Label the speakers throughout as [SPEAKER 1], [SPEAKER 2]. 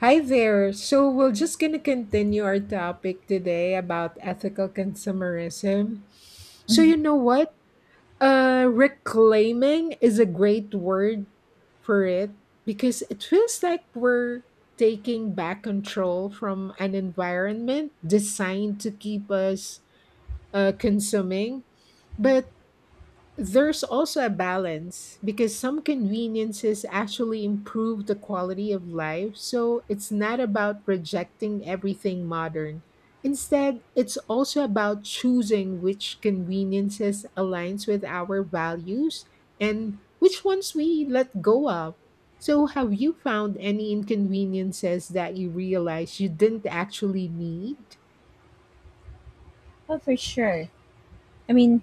[SPEAKER 1] Hi there. So we're just going to continue our topic today about ethical consumerism. So
[SPEAKER 2] Mhm.
[SPEAKER 1] you know what? Reclaiming is a great word for it because it feels like we're taking back control from an environment designed to keep us consuming, but there's also a balance because some conveniences actually improve the quality of life, so it's not about rejecting everything modern. Instead, it's also about choosing which conveniences aligns with our values and which ones we let go of. So have you found any inconveniences that you realize you didn't actually need?
[SPEAKER 2] Oh, for sure. I mean,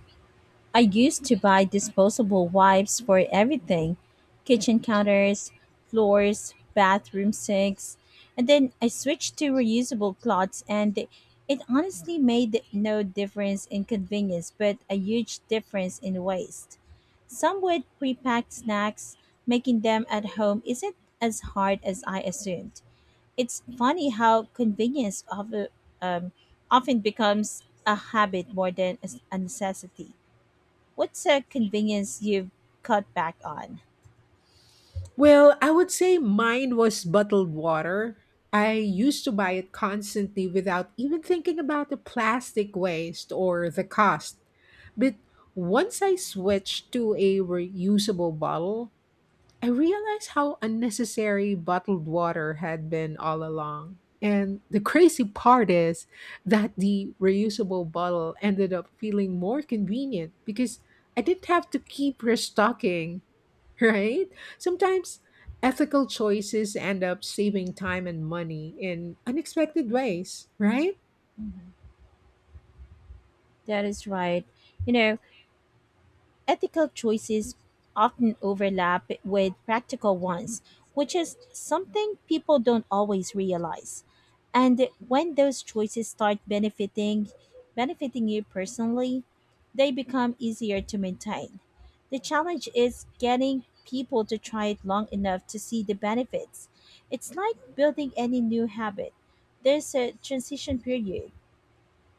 [SPEAKER 2] I used to buy disposable wipes for everything, kitchen counters, floors, bathroom sinks. And then I switched to reusable cloths, and it honestly made no difference in convenience, but a huge difference in waste. Some with pre packed snacks, making them at home isn't as hard as I assumed. It's funny how convenience um, often becomes a habit more than a necessity. What's a convenience you've cut back on?
[SPEAKER 1] Well, I would say mine was bottled water. I used to buy it constantly without even thinking about the plastic waste or the cost. But once I switched to a reusable bottle, I realized how unnecessary bottled water had been all along. And the crazy part is that the reusable bottle ended up feeling more convenient because I didn't have to keep restocking, right? Sometimes ethical choices end up saving time and money in unexpected ways, right?
[SPEAKER 2] That is right. You know, ethical choices often overlap with practical ones, which is something people don't always realize. And when those choices start benefiting you personally, they become easier to maintain. The challenge is getting people to try it long enough to see the benefits. It's like building any new habit. There's a transition period.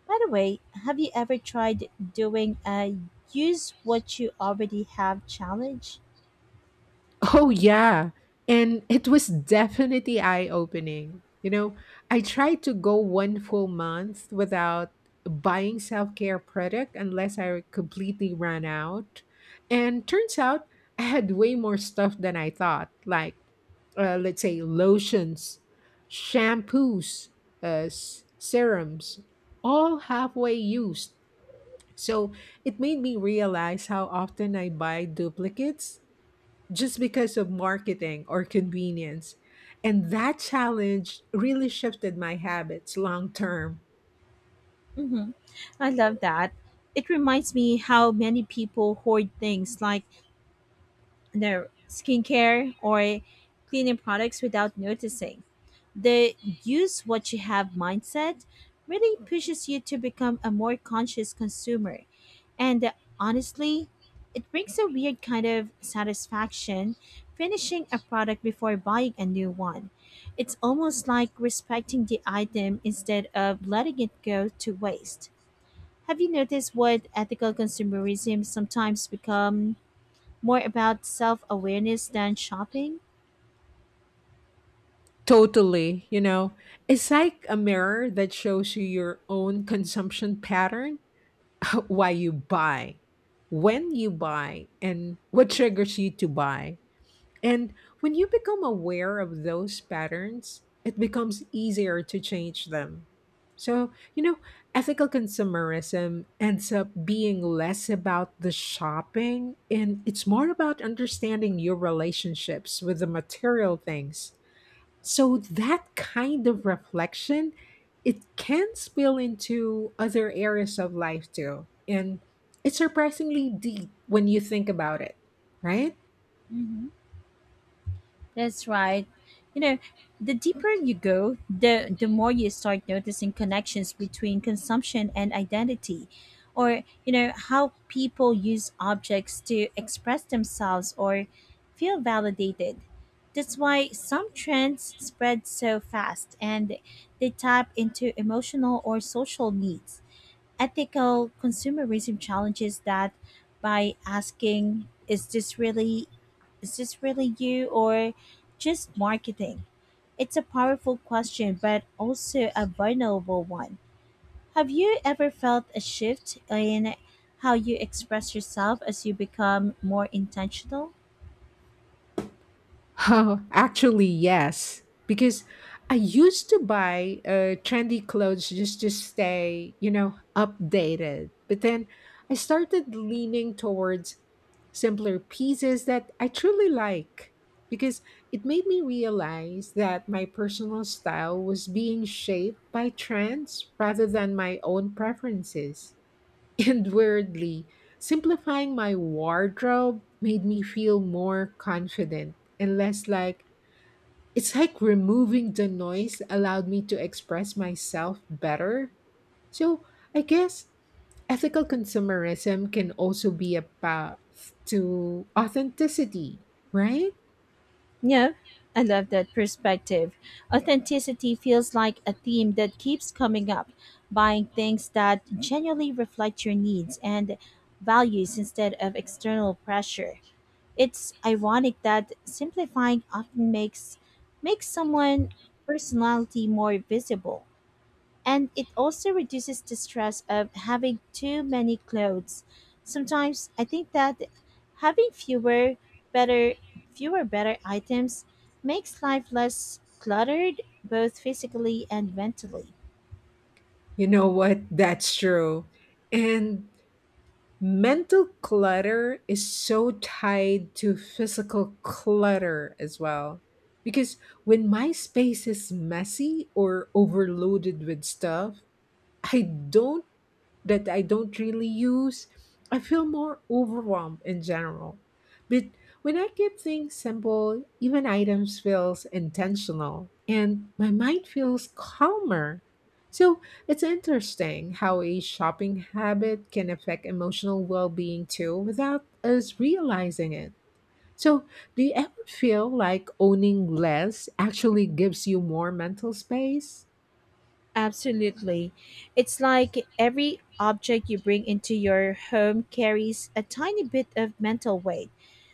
[SPEAKER 2] By the way, have you ever tried doing a use what you already have challenge?
[SPEAKER 1] Oh, yeah. And it was definitely eye opening. You know, I tried to go one full month without buying self care product unless I completely ran out. And turns out I had way more stuff than I thought, like let's say lotions, shampoos, serums, all halfway used. So it made me realize how often I buy duplicates just because of marketing or convenience. And that challenge really shifted my habits long term.
[SPEAKER 2] hmm I love that. It reminds me how many people hoard things like no skincare or cleaning products without noticing. The use what you have mindset really pushes you to become a more conscious consumer. And honestly, it brings a weird kind of satisfaction finishing a product before buying a new one. It's almost like respecting the item instead of letting it go to waste. Have you noticed what ethical consumerism sometimes become, more about self awareness than shopping?
[SPEAKER 1] Totally, you know, it's like a mirror that shows you your own consumption pattern why you buy, when you buy, and what triggers you to buy. And when you become aware of those patterns, it becomes easier to change them. So, you know, ethical consumerism ends up being less about the shopping and it's more about understanding your relationships with the material things, so that kind of reflection, it can spill into other areas of life too. And it's surprisingly deep when you think about it, right?
[SPEAKER 2] hmm That's right. You know, the deeper you go, the more you start noticing connections between consumption and identity, or you know how people use objects to express themselves or feel validated. That's why some trends spread so fast, and they tap into emotional or social needs. Ethical consumerism challenges that by asking, is this really you or just marketing? It's a powerful question but also a vulnerable one. Have you ever felt a shift in how you express yourself as you become more intentional?
[SPEAKER 1] Oh, actually, yes. Because I used to buy trendy clothes just to stay, you know, updated. But then I started leaning towards simpler pieces that I truly like because it made me realize that my personal style was being shaped by trends rather than my own preferences. And weirdly, simplifying my wardrobe made me feel more confident and less like it's like removing the noise allowed me to express myself better. So I guess ethical consumerism can also be a path to authenticity, right?
[SPEAKER 2] No, I love that perspective. Authenticity feels like a theme that keeps coming up. Buying things that genuinely reflect your needs and values instead of external pressure. It's ironic that simplifying often makes someone personality more visible. And it also reduces the stress of having too many clothes. Sometimes I think that having better fewer better items makes life less cluttered both physically and mentally.
[SPEAKER 1] You know what? That's true. And mental clutter is so tied to physical clutter as well. Because when my space is messy or overloaded with stuff, I don't that I don't really use, I feel more overwhelmed in general. But when I keep things simple, even items feels intentional and my mind feels calmer. So it's interesting how a shopping habit can affect emotional well-being too without us realizing it. So do you ever feel like owning less actually gives you more mental space?
[SPEAKER 2] Absolutely. It's like every object you bring into your home carries a tiny bit of mental weight,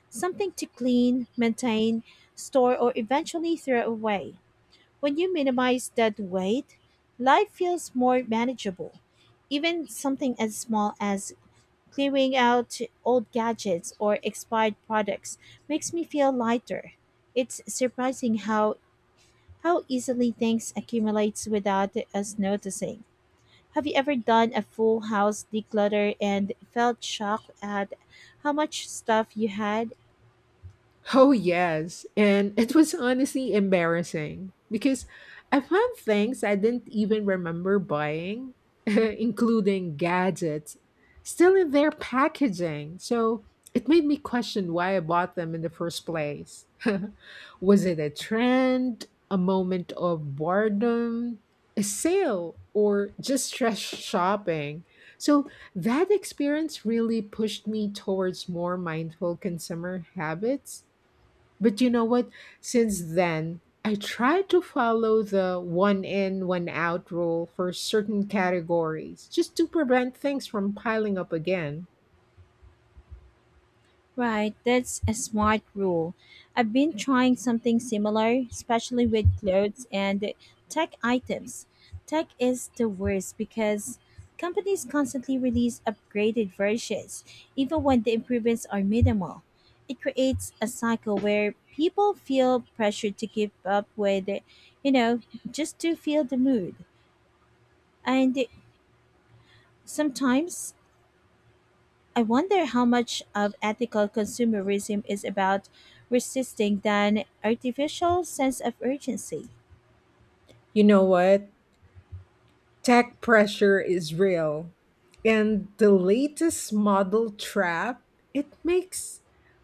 [SPEAKER 2] something to clean, maintain, store, or eventually throw away. When you minimize that weight, life feels more manageable. Even something as small as clearing out old gadgets or expired products makes me feel lighter. It's surprising how easily things accumulates without us noticing. Have you ever done a full house declutter and felt shocked at how much stuff you had?
[SPEAKER 1] Oh, yes. And it was honestly embarrassing because I found things I didn't even remember buying, including gadgets, still in their packaging. So it made me question why I bought them in the first place. Was it a trend, a moment of boredom, a sale, or just stress shopping? So that experience really pushed me towards more mindful consumer habits. But you know what? Since then, I try to follow the one in, one out rule for certain categories just to prevent things from piling up again.
[SPEAKER 2] Right, that's a smart rule. I've been trying something similar, especially with clothes and tech items. Tech is the worst because companies constantly release upgraded versions, even when the improvements are minimal. It creates a cycle where people feel pressured to keep up with, you know, just to feel the mood. And sometimes I wonder how much of ethical consumerism is about resisting than artificial sense of urgency.
[SPEAKER 1] You know what? Tech pressure is real. And the latest model trap, it makes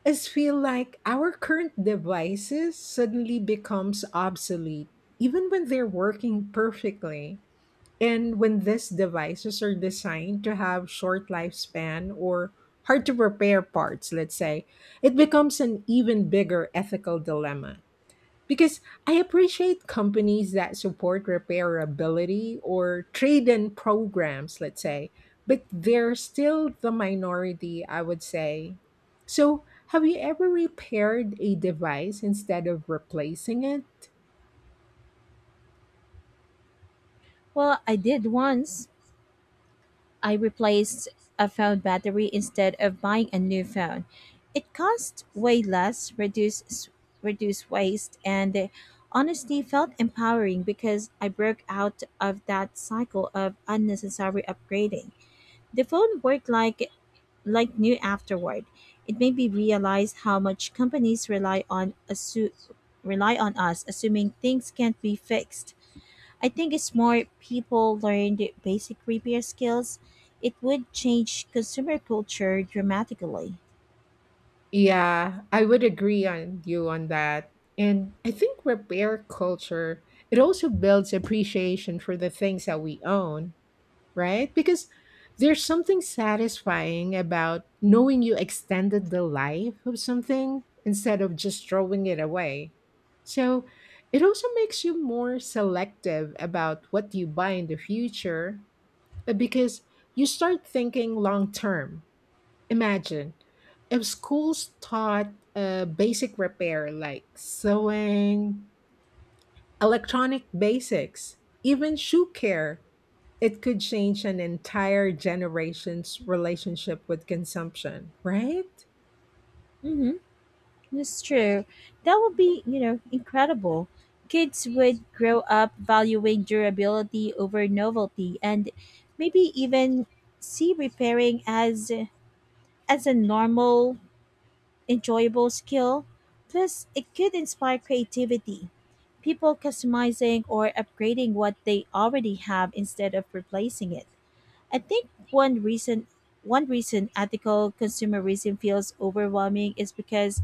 [SPEAKER 1] us feel like our current devices suddenly becomes obsolete even when they're working perfectly. And when these devices are designed to have short lifespan or hard to repair parts, let's say, it becomes an even bigger ethical dilemma. Because I appreciate companies that support repairability or trade in programs, let's say, but they're still the minority, I would say. So, have you ever repaired a device instead of replacing it?
[SPEAKER 2] Well, I did once. I replaced a phone battery instead of buying a new phone. It cost way less, reduced waste, and honestly felt empowering because I broke out of that cycle of unnecessary upgrading. The phone worked like new afterward. It made me realize how much companies rely on rely on us, assuming things can't be fixed. I think if more people learned basic repair skills, it would change consumer culture dramatically.
[SPEAKER 1] Yeah, I would agree on you on that. And I think repair culture, it also builds appreciation for the things that we own, right? Because there's something satisfying about knowing you extended the life of something instead of just throwing it away. So it also makes you more selective about what you buy in the future because you start thinking long term. Imagine if schools taught basic repair like sewing, electronic basics, even shoe care, it could change an entire generation's relationship with consumption, right?
[SPEAKER 2] Mm-hmm. That's true. That would be, you know, incredible. Kids would grow up valuing durability over novelty, and maybe even see repairing as a normal enjoyable skill. Plus, it could inspire creativity, people customizing or upgrading what they already have instead of replacing it. I think one reason ethical consumerism feels overwhelming is because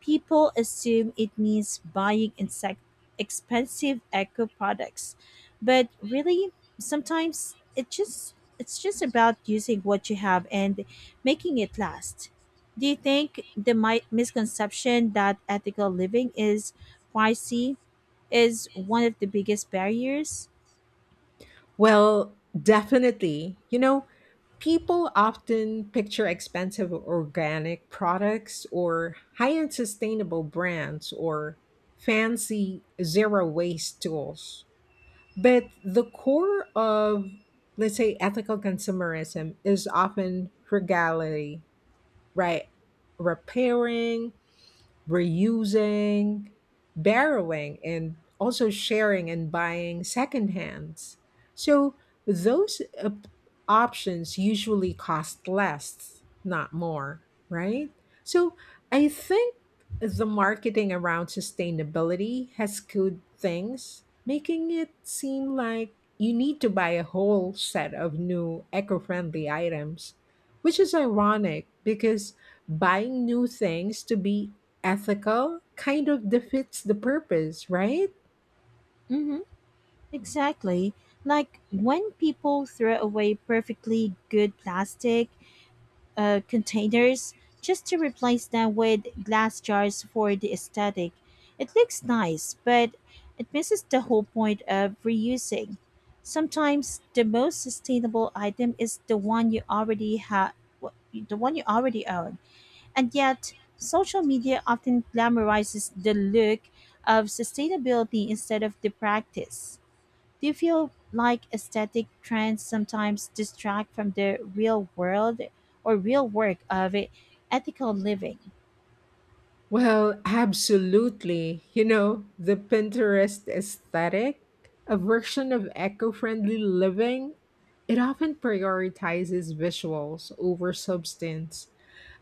[SPEAKER 2] people assume it means buying insect expensive eco products. But really, sometimes it just it's just about using what you have and making it last. Do you think the misconception that ethical living is pricey is one of the biggest barriers?
[SPEAKER 1] Well, definitely. You know, people often picture expensive organic products or high end sustainable brands or fancy zero waste tools. But the core of, let's say, ethical consumerism is often frugality, right? Repairing, reusing, borrowing, and also sharing and buying secondhands. So those options usually cost less, not more, right? So I think the marketing around sustainability has skewed things, making it seem like you need to buy a whole set of new eco friendly items, which is ironic because buying new things to be ethical kind of defeats the purpose, right?
[SPEAKER 2] Mhm. Exactly. Like when people throw away perfectly good plastic containers just to replace them with glass jars for the aesthetic. It looks nice, but it misses the whole point of reusing. Sometimes the most sustainable item is the one you already own. And yet, social media often glamorizes the look of sustainability instead of the practice. Do you feel like aesthetic trends sometimes distract from the real world or real work of ethical living?
[SPEAKER 1] Well, absolutely. You know, the Pinterest aesthetic, a version of eco friendly living, it often prioritizes visuals over substance.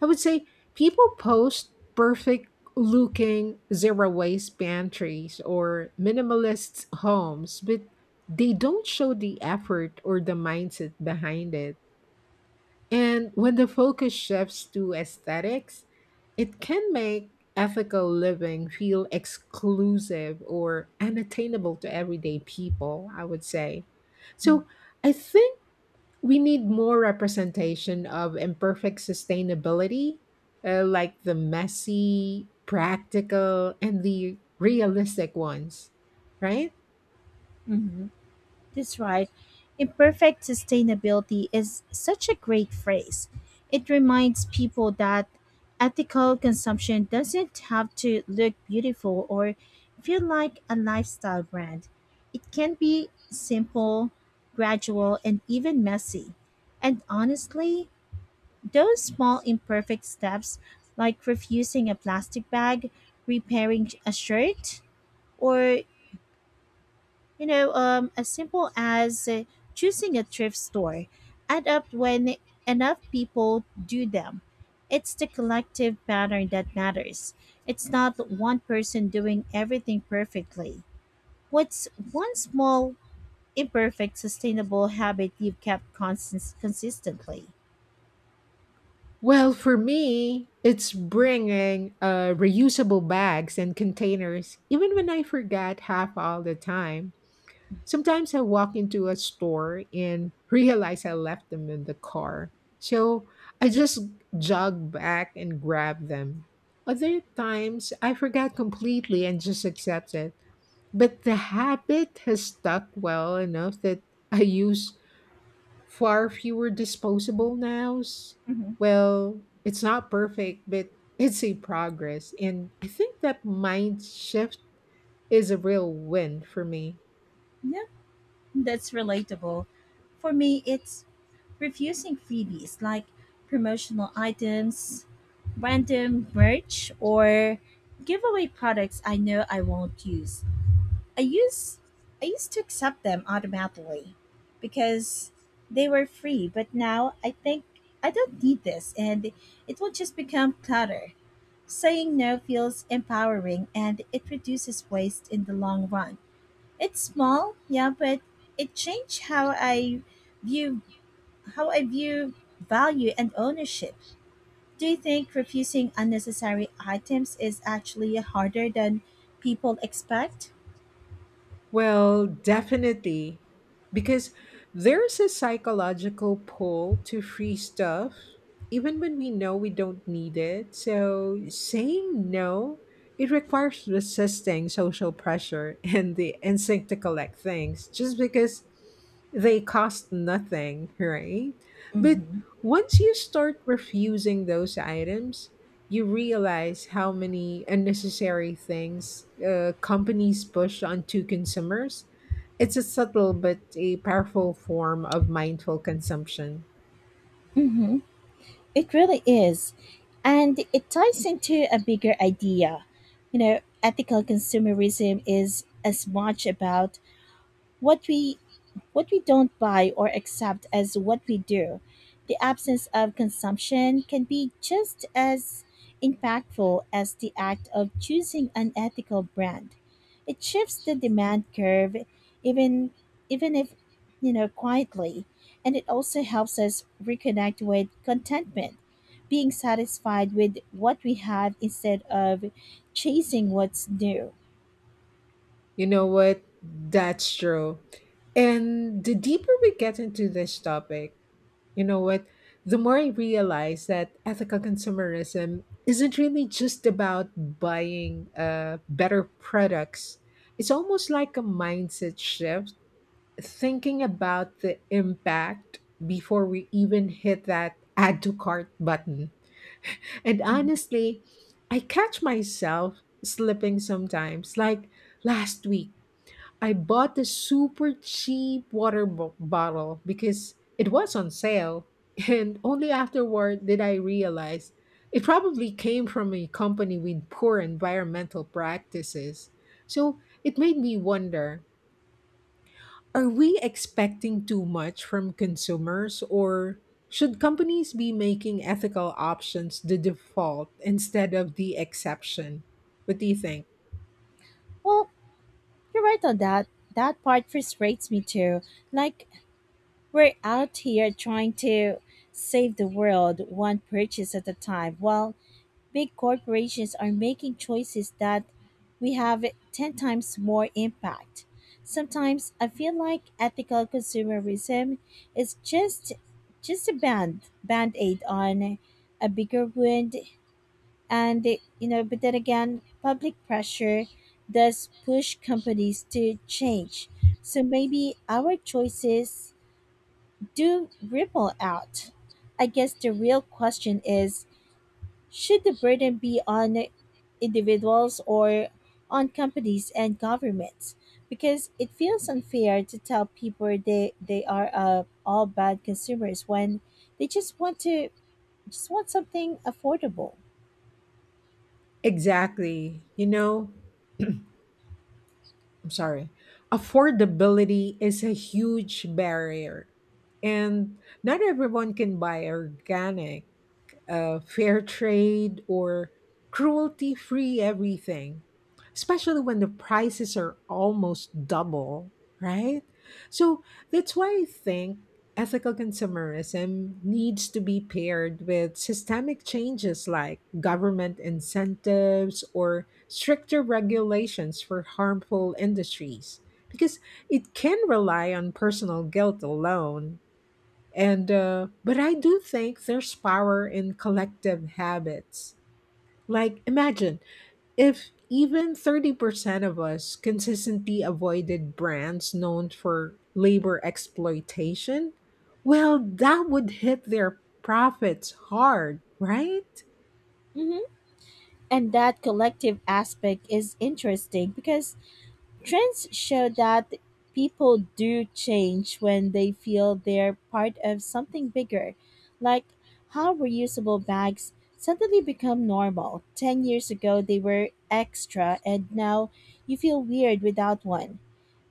[SPEAKER 1] I would say people post perfect looking zero waste pantries or minimalist homes, but they don't show the effort or the mindset behind it. And when the focus shifts to aesthetics, it can make ethical living feel exclusive or unattainable to everyday people, I would say. So I think we need more representation of imperfect sustainability, like the messy, practical, and the realistic ones, right?
[SPEAKER 2] Mm-hmm. That's right. Imperfect sustainability is such a great phrase. It reminds people that ethical consumption doesn't have to look beautiful or feel like a lifestyle brand. It can be simple, gradual, and even messy. And honestly, those small imperfect steps, like refusing a plastic bag, repairing a shirt, or you know, as simple as choosing a thrift store, add up when enough people do them. It's the collective pattern that matters. It's not one person doing everything perfectly. What's one small, imperfect, sustainable habit you've kept consistently?
[SPEAKER 1] Well, for me, it's bringing reusable bags and containers, even when I forget half all the time. Sometimes I walk into a store and realize I left them in the car. So I just jog back and grab them. Other times I forget completely and just accept it. But the habit has stuck well enough that I use far fewer disposable nows.
[SPEAKER 2] Mm-hmm.
[SPEAKER 1] Well, it's not perfect, but it's a progress. And I think that mind shift is a real win for me.
[SPEAKER 2] That's relatable. For me, it's refusing freebies like promotional items, random merch, or giveaway products I know I won't use. I use I used to accept them automatically because they were free, but now I think I don't need this and it will just become clutter. Saying no feels empowering and it reduces waste in the long run. It's small, yeah, but it changed view how I view value and ownership. Do you think refusing unnecessary items is actually harder than people expect?
[SPEAKER 1] Well, definitely. Because there's a psychological pull to free stuff, even when we know we don't need it. So saying no, it requires resisting social pressure and the instinct to collect things just because they cost nothing, right? But
[SPEAKER 2] Mm-hmm.
[SPEAKER 1] once you start refusing those items, you realize how many unnecessary things companies push onto consumers. It's a subtle but a powerful form of mindful consumption.
[SPEAKER 2] Mm-hmm. It really is. And it ties into a bigger idea. You know, ethical consumerism is as much about what we what we don't buy or accept as what we do. The absence of consumption can be just as impactful as the act of choosing an ethical brand. It shifts the demand curve, even even if, you know, quietly, and it also helps us reconnect with contentment, being satisfied with what we have instead of chasing what's new.
[SPEAKER 1] You know what? That's true. And the deeper we get into this topic, you know what? The more I realize that ethical consumerism isn't really just about buying better products. It's almost like a mindset shift thinking about the impact before we even hit that add to cart button. And
[SPEAKER 2] Mhm.
[SPEAKER 1] honestly, I catch myself slipping sometimes. Like last week, I bought a super cheap water bottle because it was on sale. And only afterward did I realize it probably came from a company with poor environmental practices. So it made me wonder, are we expecting too much from consumers, or should companies be making ethical options the default instead of the exception? What do you think?
[SPEAKER 2] well You're right on that. That part frustrates me too. Like, we're out here trying to save the world one purchase at a time, while big corporations are making choices that we have 10 times more impact. Sometimes I feel like ethical consumerism is just a band aid on a bigger wound. And you know, but then again, public pressure does push companies to change, so maybe our choices do ripple out. I guess the real question is, should the burden be on individuals or on companies and governments? Because it feels unfair to tell people they are, all bad consumers when they just want to just want something affordable.
[SPEAKER 1] Exactly. You know, I'm sorry. Affordability is a huge barrier, and not everyone can buy organic fair trade or cruelty free everything, especially when the prices are almost double, right? So that's why I think ethical consumerism needs to be paired with systemic changes like government incentives or stricter regulations for harmful industries. Because it can rely on personal guilt alone and but I do think there's power in collective habits. Like imagine if even 30% of us consistently avoided brands known for labor exploitation, well that would hit their profits hard, right?
[SPEAKER 2] hmm And that collective aspect is interesting because trends show that people do change when they feel they're part of something bigger, like how reusable bags suddenly become normal. 10 years ago, they were extra, and now you feel weird without one.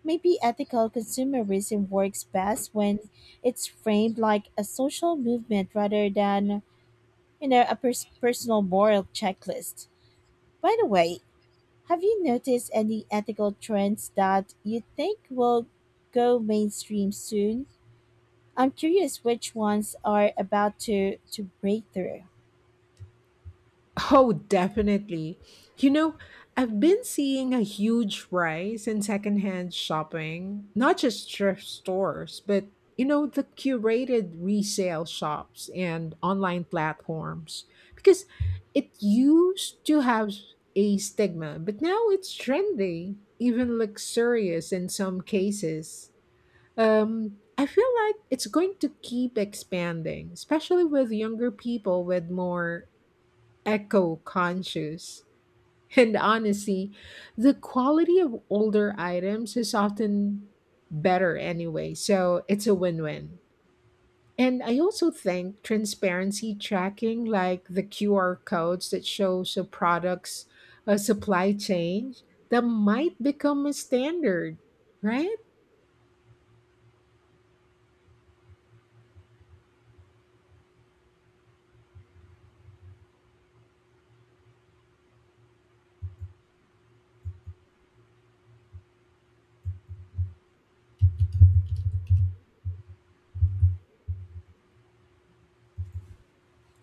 [SPEAKER 2] Maybe ethical consumerism works best when it's framed like a social movement rather than, you know, a personal moral checklist. By the way, have you noticed any ethical trends that you think will go mainstream soon? I'm curious which ones are about to break through.
[SPEAKER 1] Oh, definitely. You know, I've been seeing a huge rise in secondhand shopping, not just thrift stores, but you know, the curated resale shops and online platforms. Because it used to have a stigma, but now it's trendy, even luxurious in some cases. I feel like it's going to keep expanding, especially with younger people with more eco conscious. And honestly, the quality of older items is often better anyway, so it's a win win. And I also think transparency tracking, like the QR codes that shows a product's supply chain, that might become a standard, right?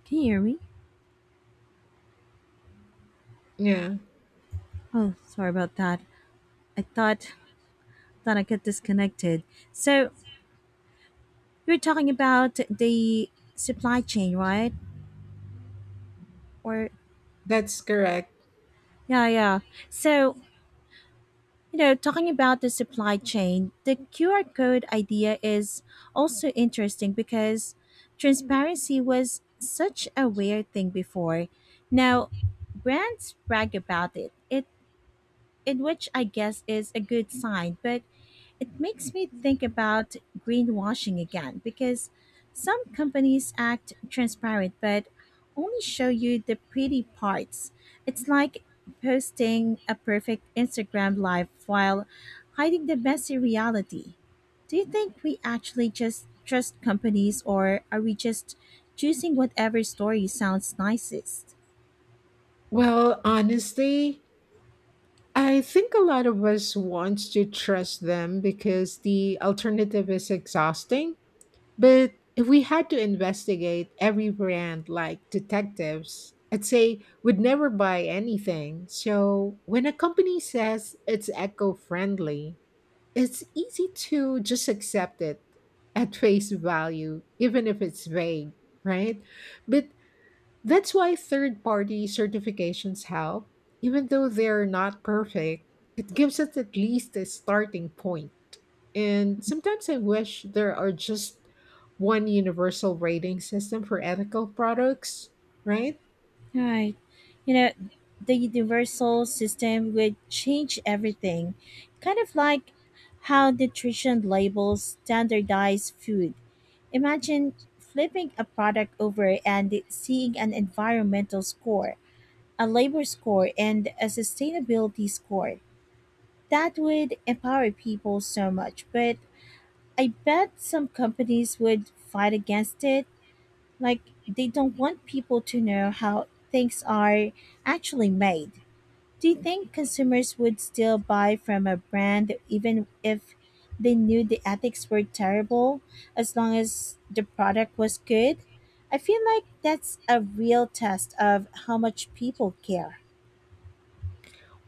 [SPEAKER 2] Can you hear me?
[SPEAKER 1] Yeah,
[SPEAKER 2] Oh, sorry about that. I thought that I got disconnected. So you're talking about the supply chain, right? Or
[SPEAKER 1] that's correct.
[SPEAKER 2] yeah, yeah. So, you know, talking about the supply chain, the QR code idea is also interesting because transparency was such a weird thing before. Now, brands brag about it. It, in which I guess is a good sign, but it makes me think about greenwashing again because some companies act transparent but only show you the pretty parts. It's like posting a perfect Instagram live while hiding the messy reality. Do you think we actually just trust companies or are we just choosing whatever story sounds nicest?
[SPEAKER 1] Well, honestly, I think a lot of us want to trust them because the alternative is exhausting. But if we had to investigate every brand like detectives, I'd say we'd never buy anything. So when a company says it's eco friendly, it's easy to just accept it at face value, even if it's vague, right? But that's why third party certifications help. Even though they're not perfect, it gives us at least a starting point. And sometimes I wish there are just one universal rating system for ethical products, right?
[SPEAKER 2] Right. You know, the universal system would change everything. Kind of like how nutrition labels standardize food. Imagine flipping a product over and seeing an environmental score, a labor score, and a sustainability score. That would empower people so much, but I bet some companies would fight against it. Like, they don't want people to know how things are actually made. Do you think consumers would still buy from a brand even if they knew the ethics were terrible, as long as the product was good? I feel like that's a real test of how much people care.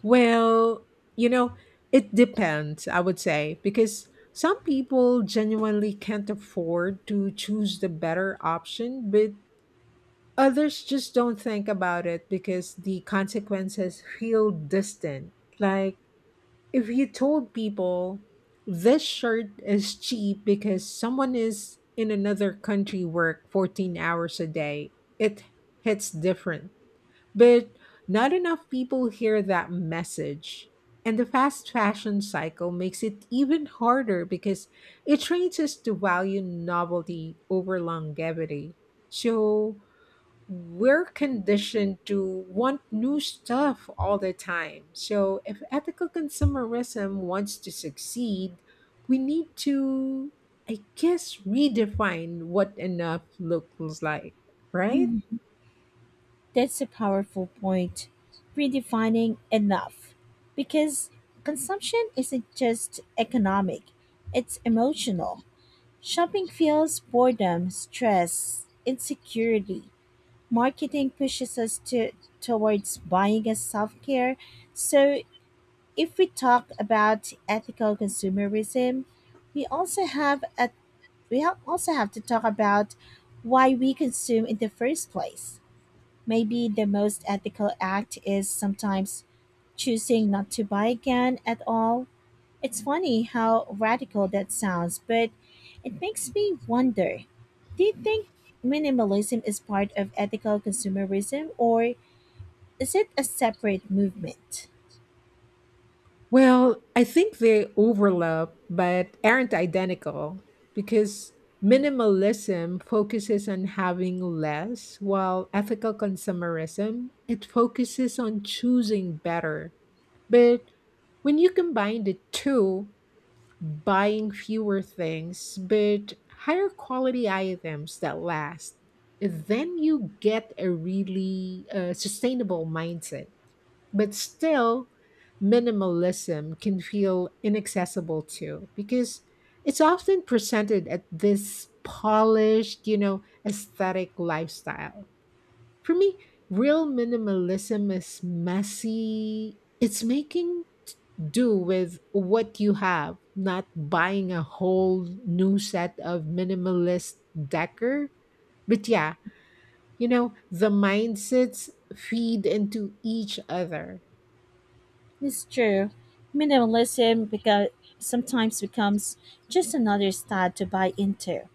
[SPEAKER 1] Well, you know, it depends, I would say, because some people genuinely can't afford to choose the better option, but others just don't think about it because the consequences feel distant. Like, if you told people this shirt is cheap because someone is in another country work 14 hours a day, it hits different. But not enough people hear that message. And the fast fashion cycle makes it even harder because it trains us to value novelty over longevity. So, we're conditioned to want new stuff all the time. So, if ethical consumerism wants to succeed, we need to, I guess, redefine what enough looks like, right?
[SPEAKER 2] Mm, that's a powerful point. Redefining enough. Because consumption isn't just economic, it's emotional. Shopping fuels boredom, stress, insecurity. Marketing pushes us to towards buying as self-care. So if we talk about ethical consumerism, we also have a, we also have to talk about why we consume in the first place. Maybe the most ethical act is sometimes choosing not to buy again at all. It's funny how radical that sounds, but it makes me wonder, do you think minimalism is part of ethical consumerism or is it a separate movement?
[SPEAKER 1] Well, I think they overlap but aren't identical because minimalism focuses on having less while ethical consumerism it focuses on choosing better. But when you combine the two, buying fewer things but higher quality items that last, then you get a really sustainable mindset. But still, minimalism can feel inaccessible too because it's often presented at this polished, you know, aesthetic lifestyle. For me, real minimalism is messy. It's making do with what you have, not buying a whole new set of minimalist decor. But yeah, you know, the mindsets feed into each other.
[SPEAKER 2] It's true. Minimalism beca- sometimes becomes just another style to buy into.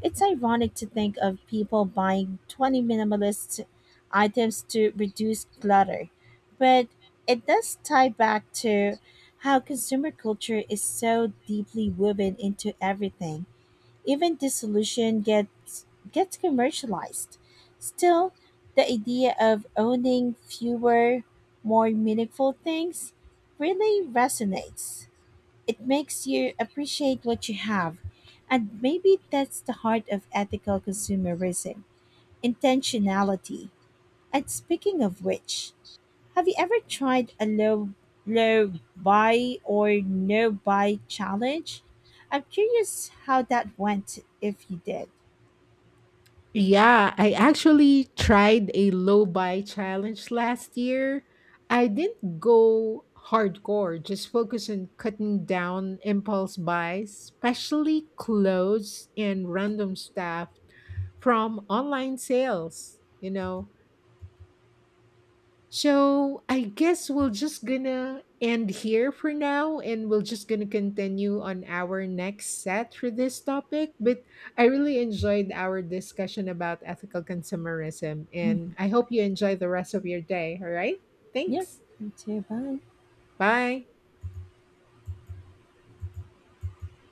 [SPEAKER 2] It's ironic to think of people buying 20 minimalist items to reduce clutter, but it does tie back to how consumer culture is so deeply woven into everything. Even this solution gets commercialized. Still, the idea of owning fewer, more meaningful things really resonates. It makes you appreciate what you have. And maybe that's the heart of ethical consumerism, intentionality. And speaking of which, have you ever tried a low buy or no buy challenge? I'm curious how that went if you did.
[SPEAKER 1] Yeah, I actually tried a low buy challenge last year. I didn't go hardcore, just focus on cutting down impulse buys, especially clothes and random stuff from online sales, you know. So I guess we are just gonna end here for now and we are just gonna continue on our next set for this topic. But I really enjoyed our discussion about ethical consumerism and
[SPEAKER 2] Mhm.
[SPEAKER 1] I hope you enjoy the rest of your day. All right.
[SPEAKER 2] Yeah,
[SPEAKER 1] Thanks.
[SPEAKER 2] you too. Bye.
[SPEAKER 1] Bye.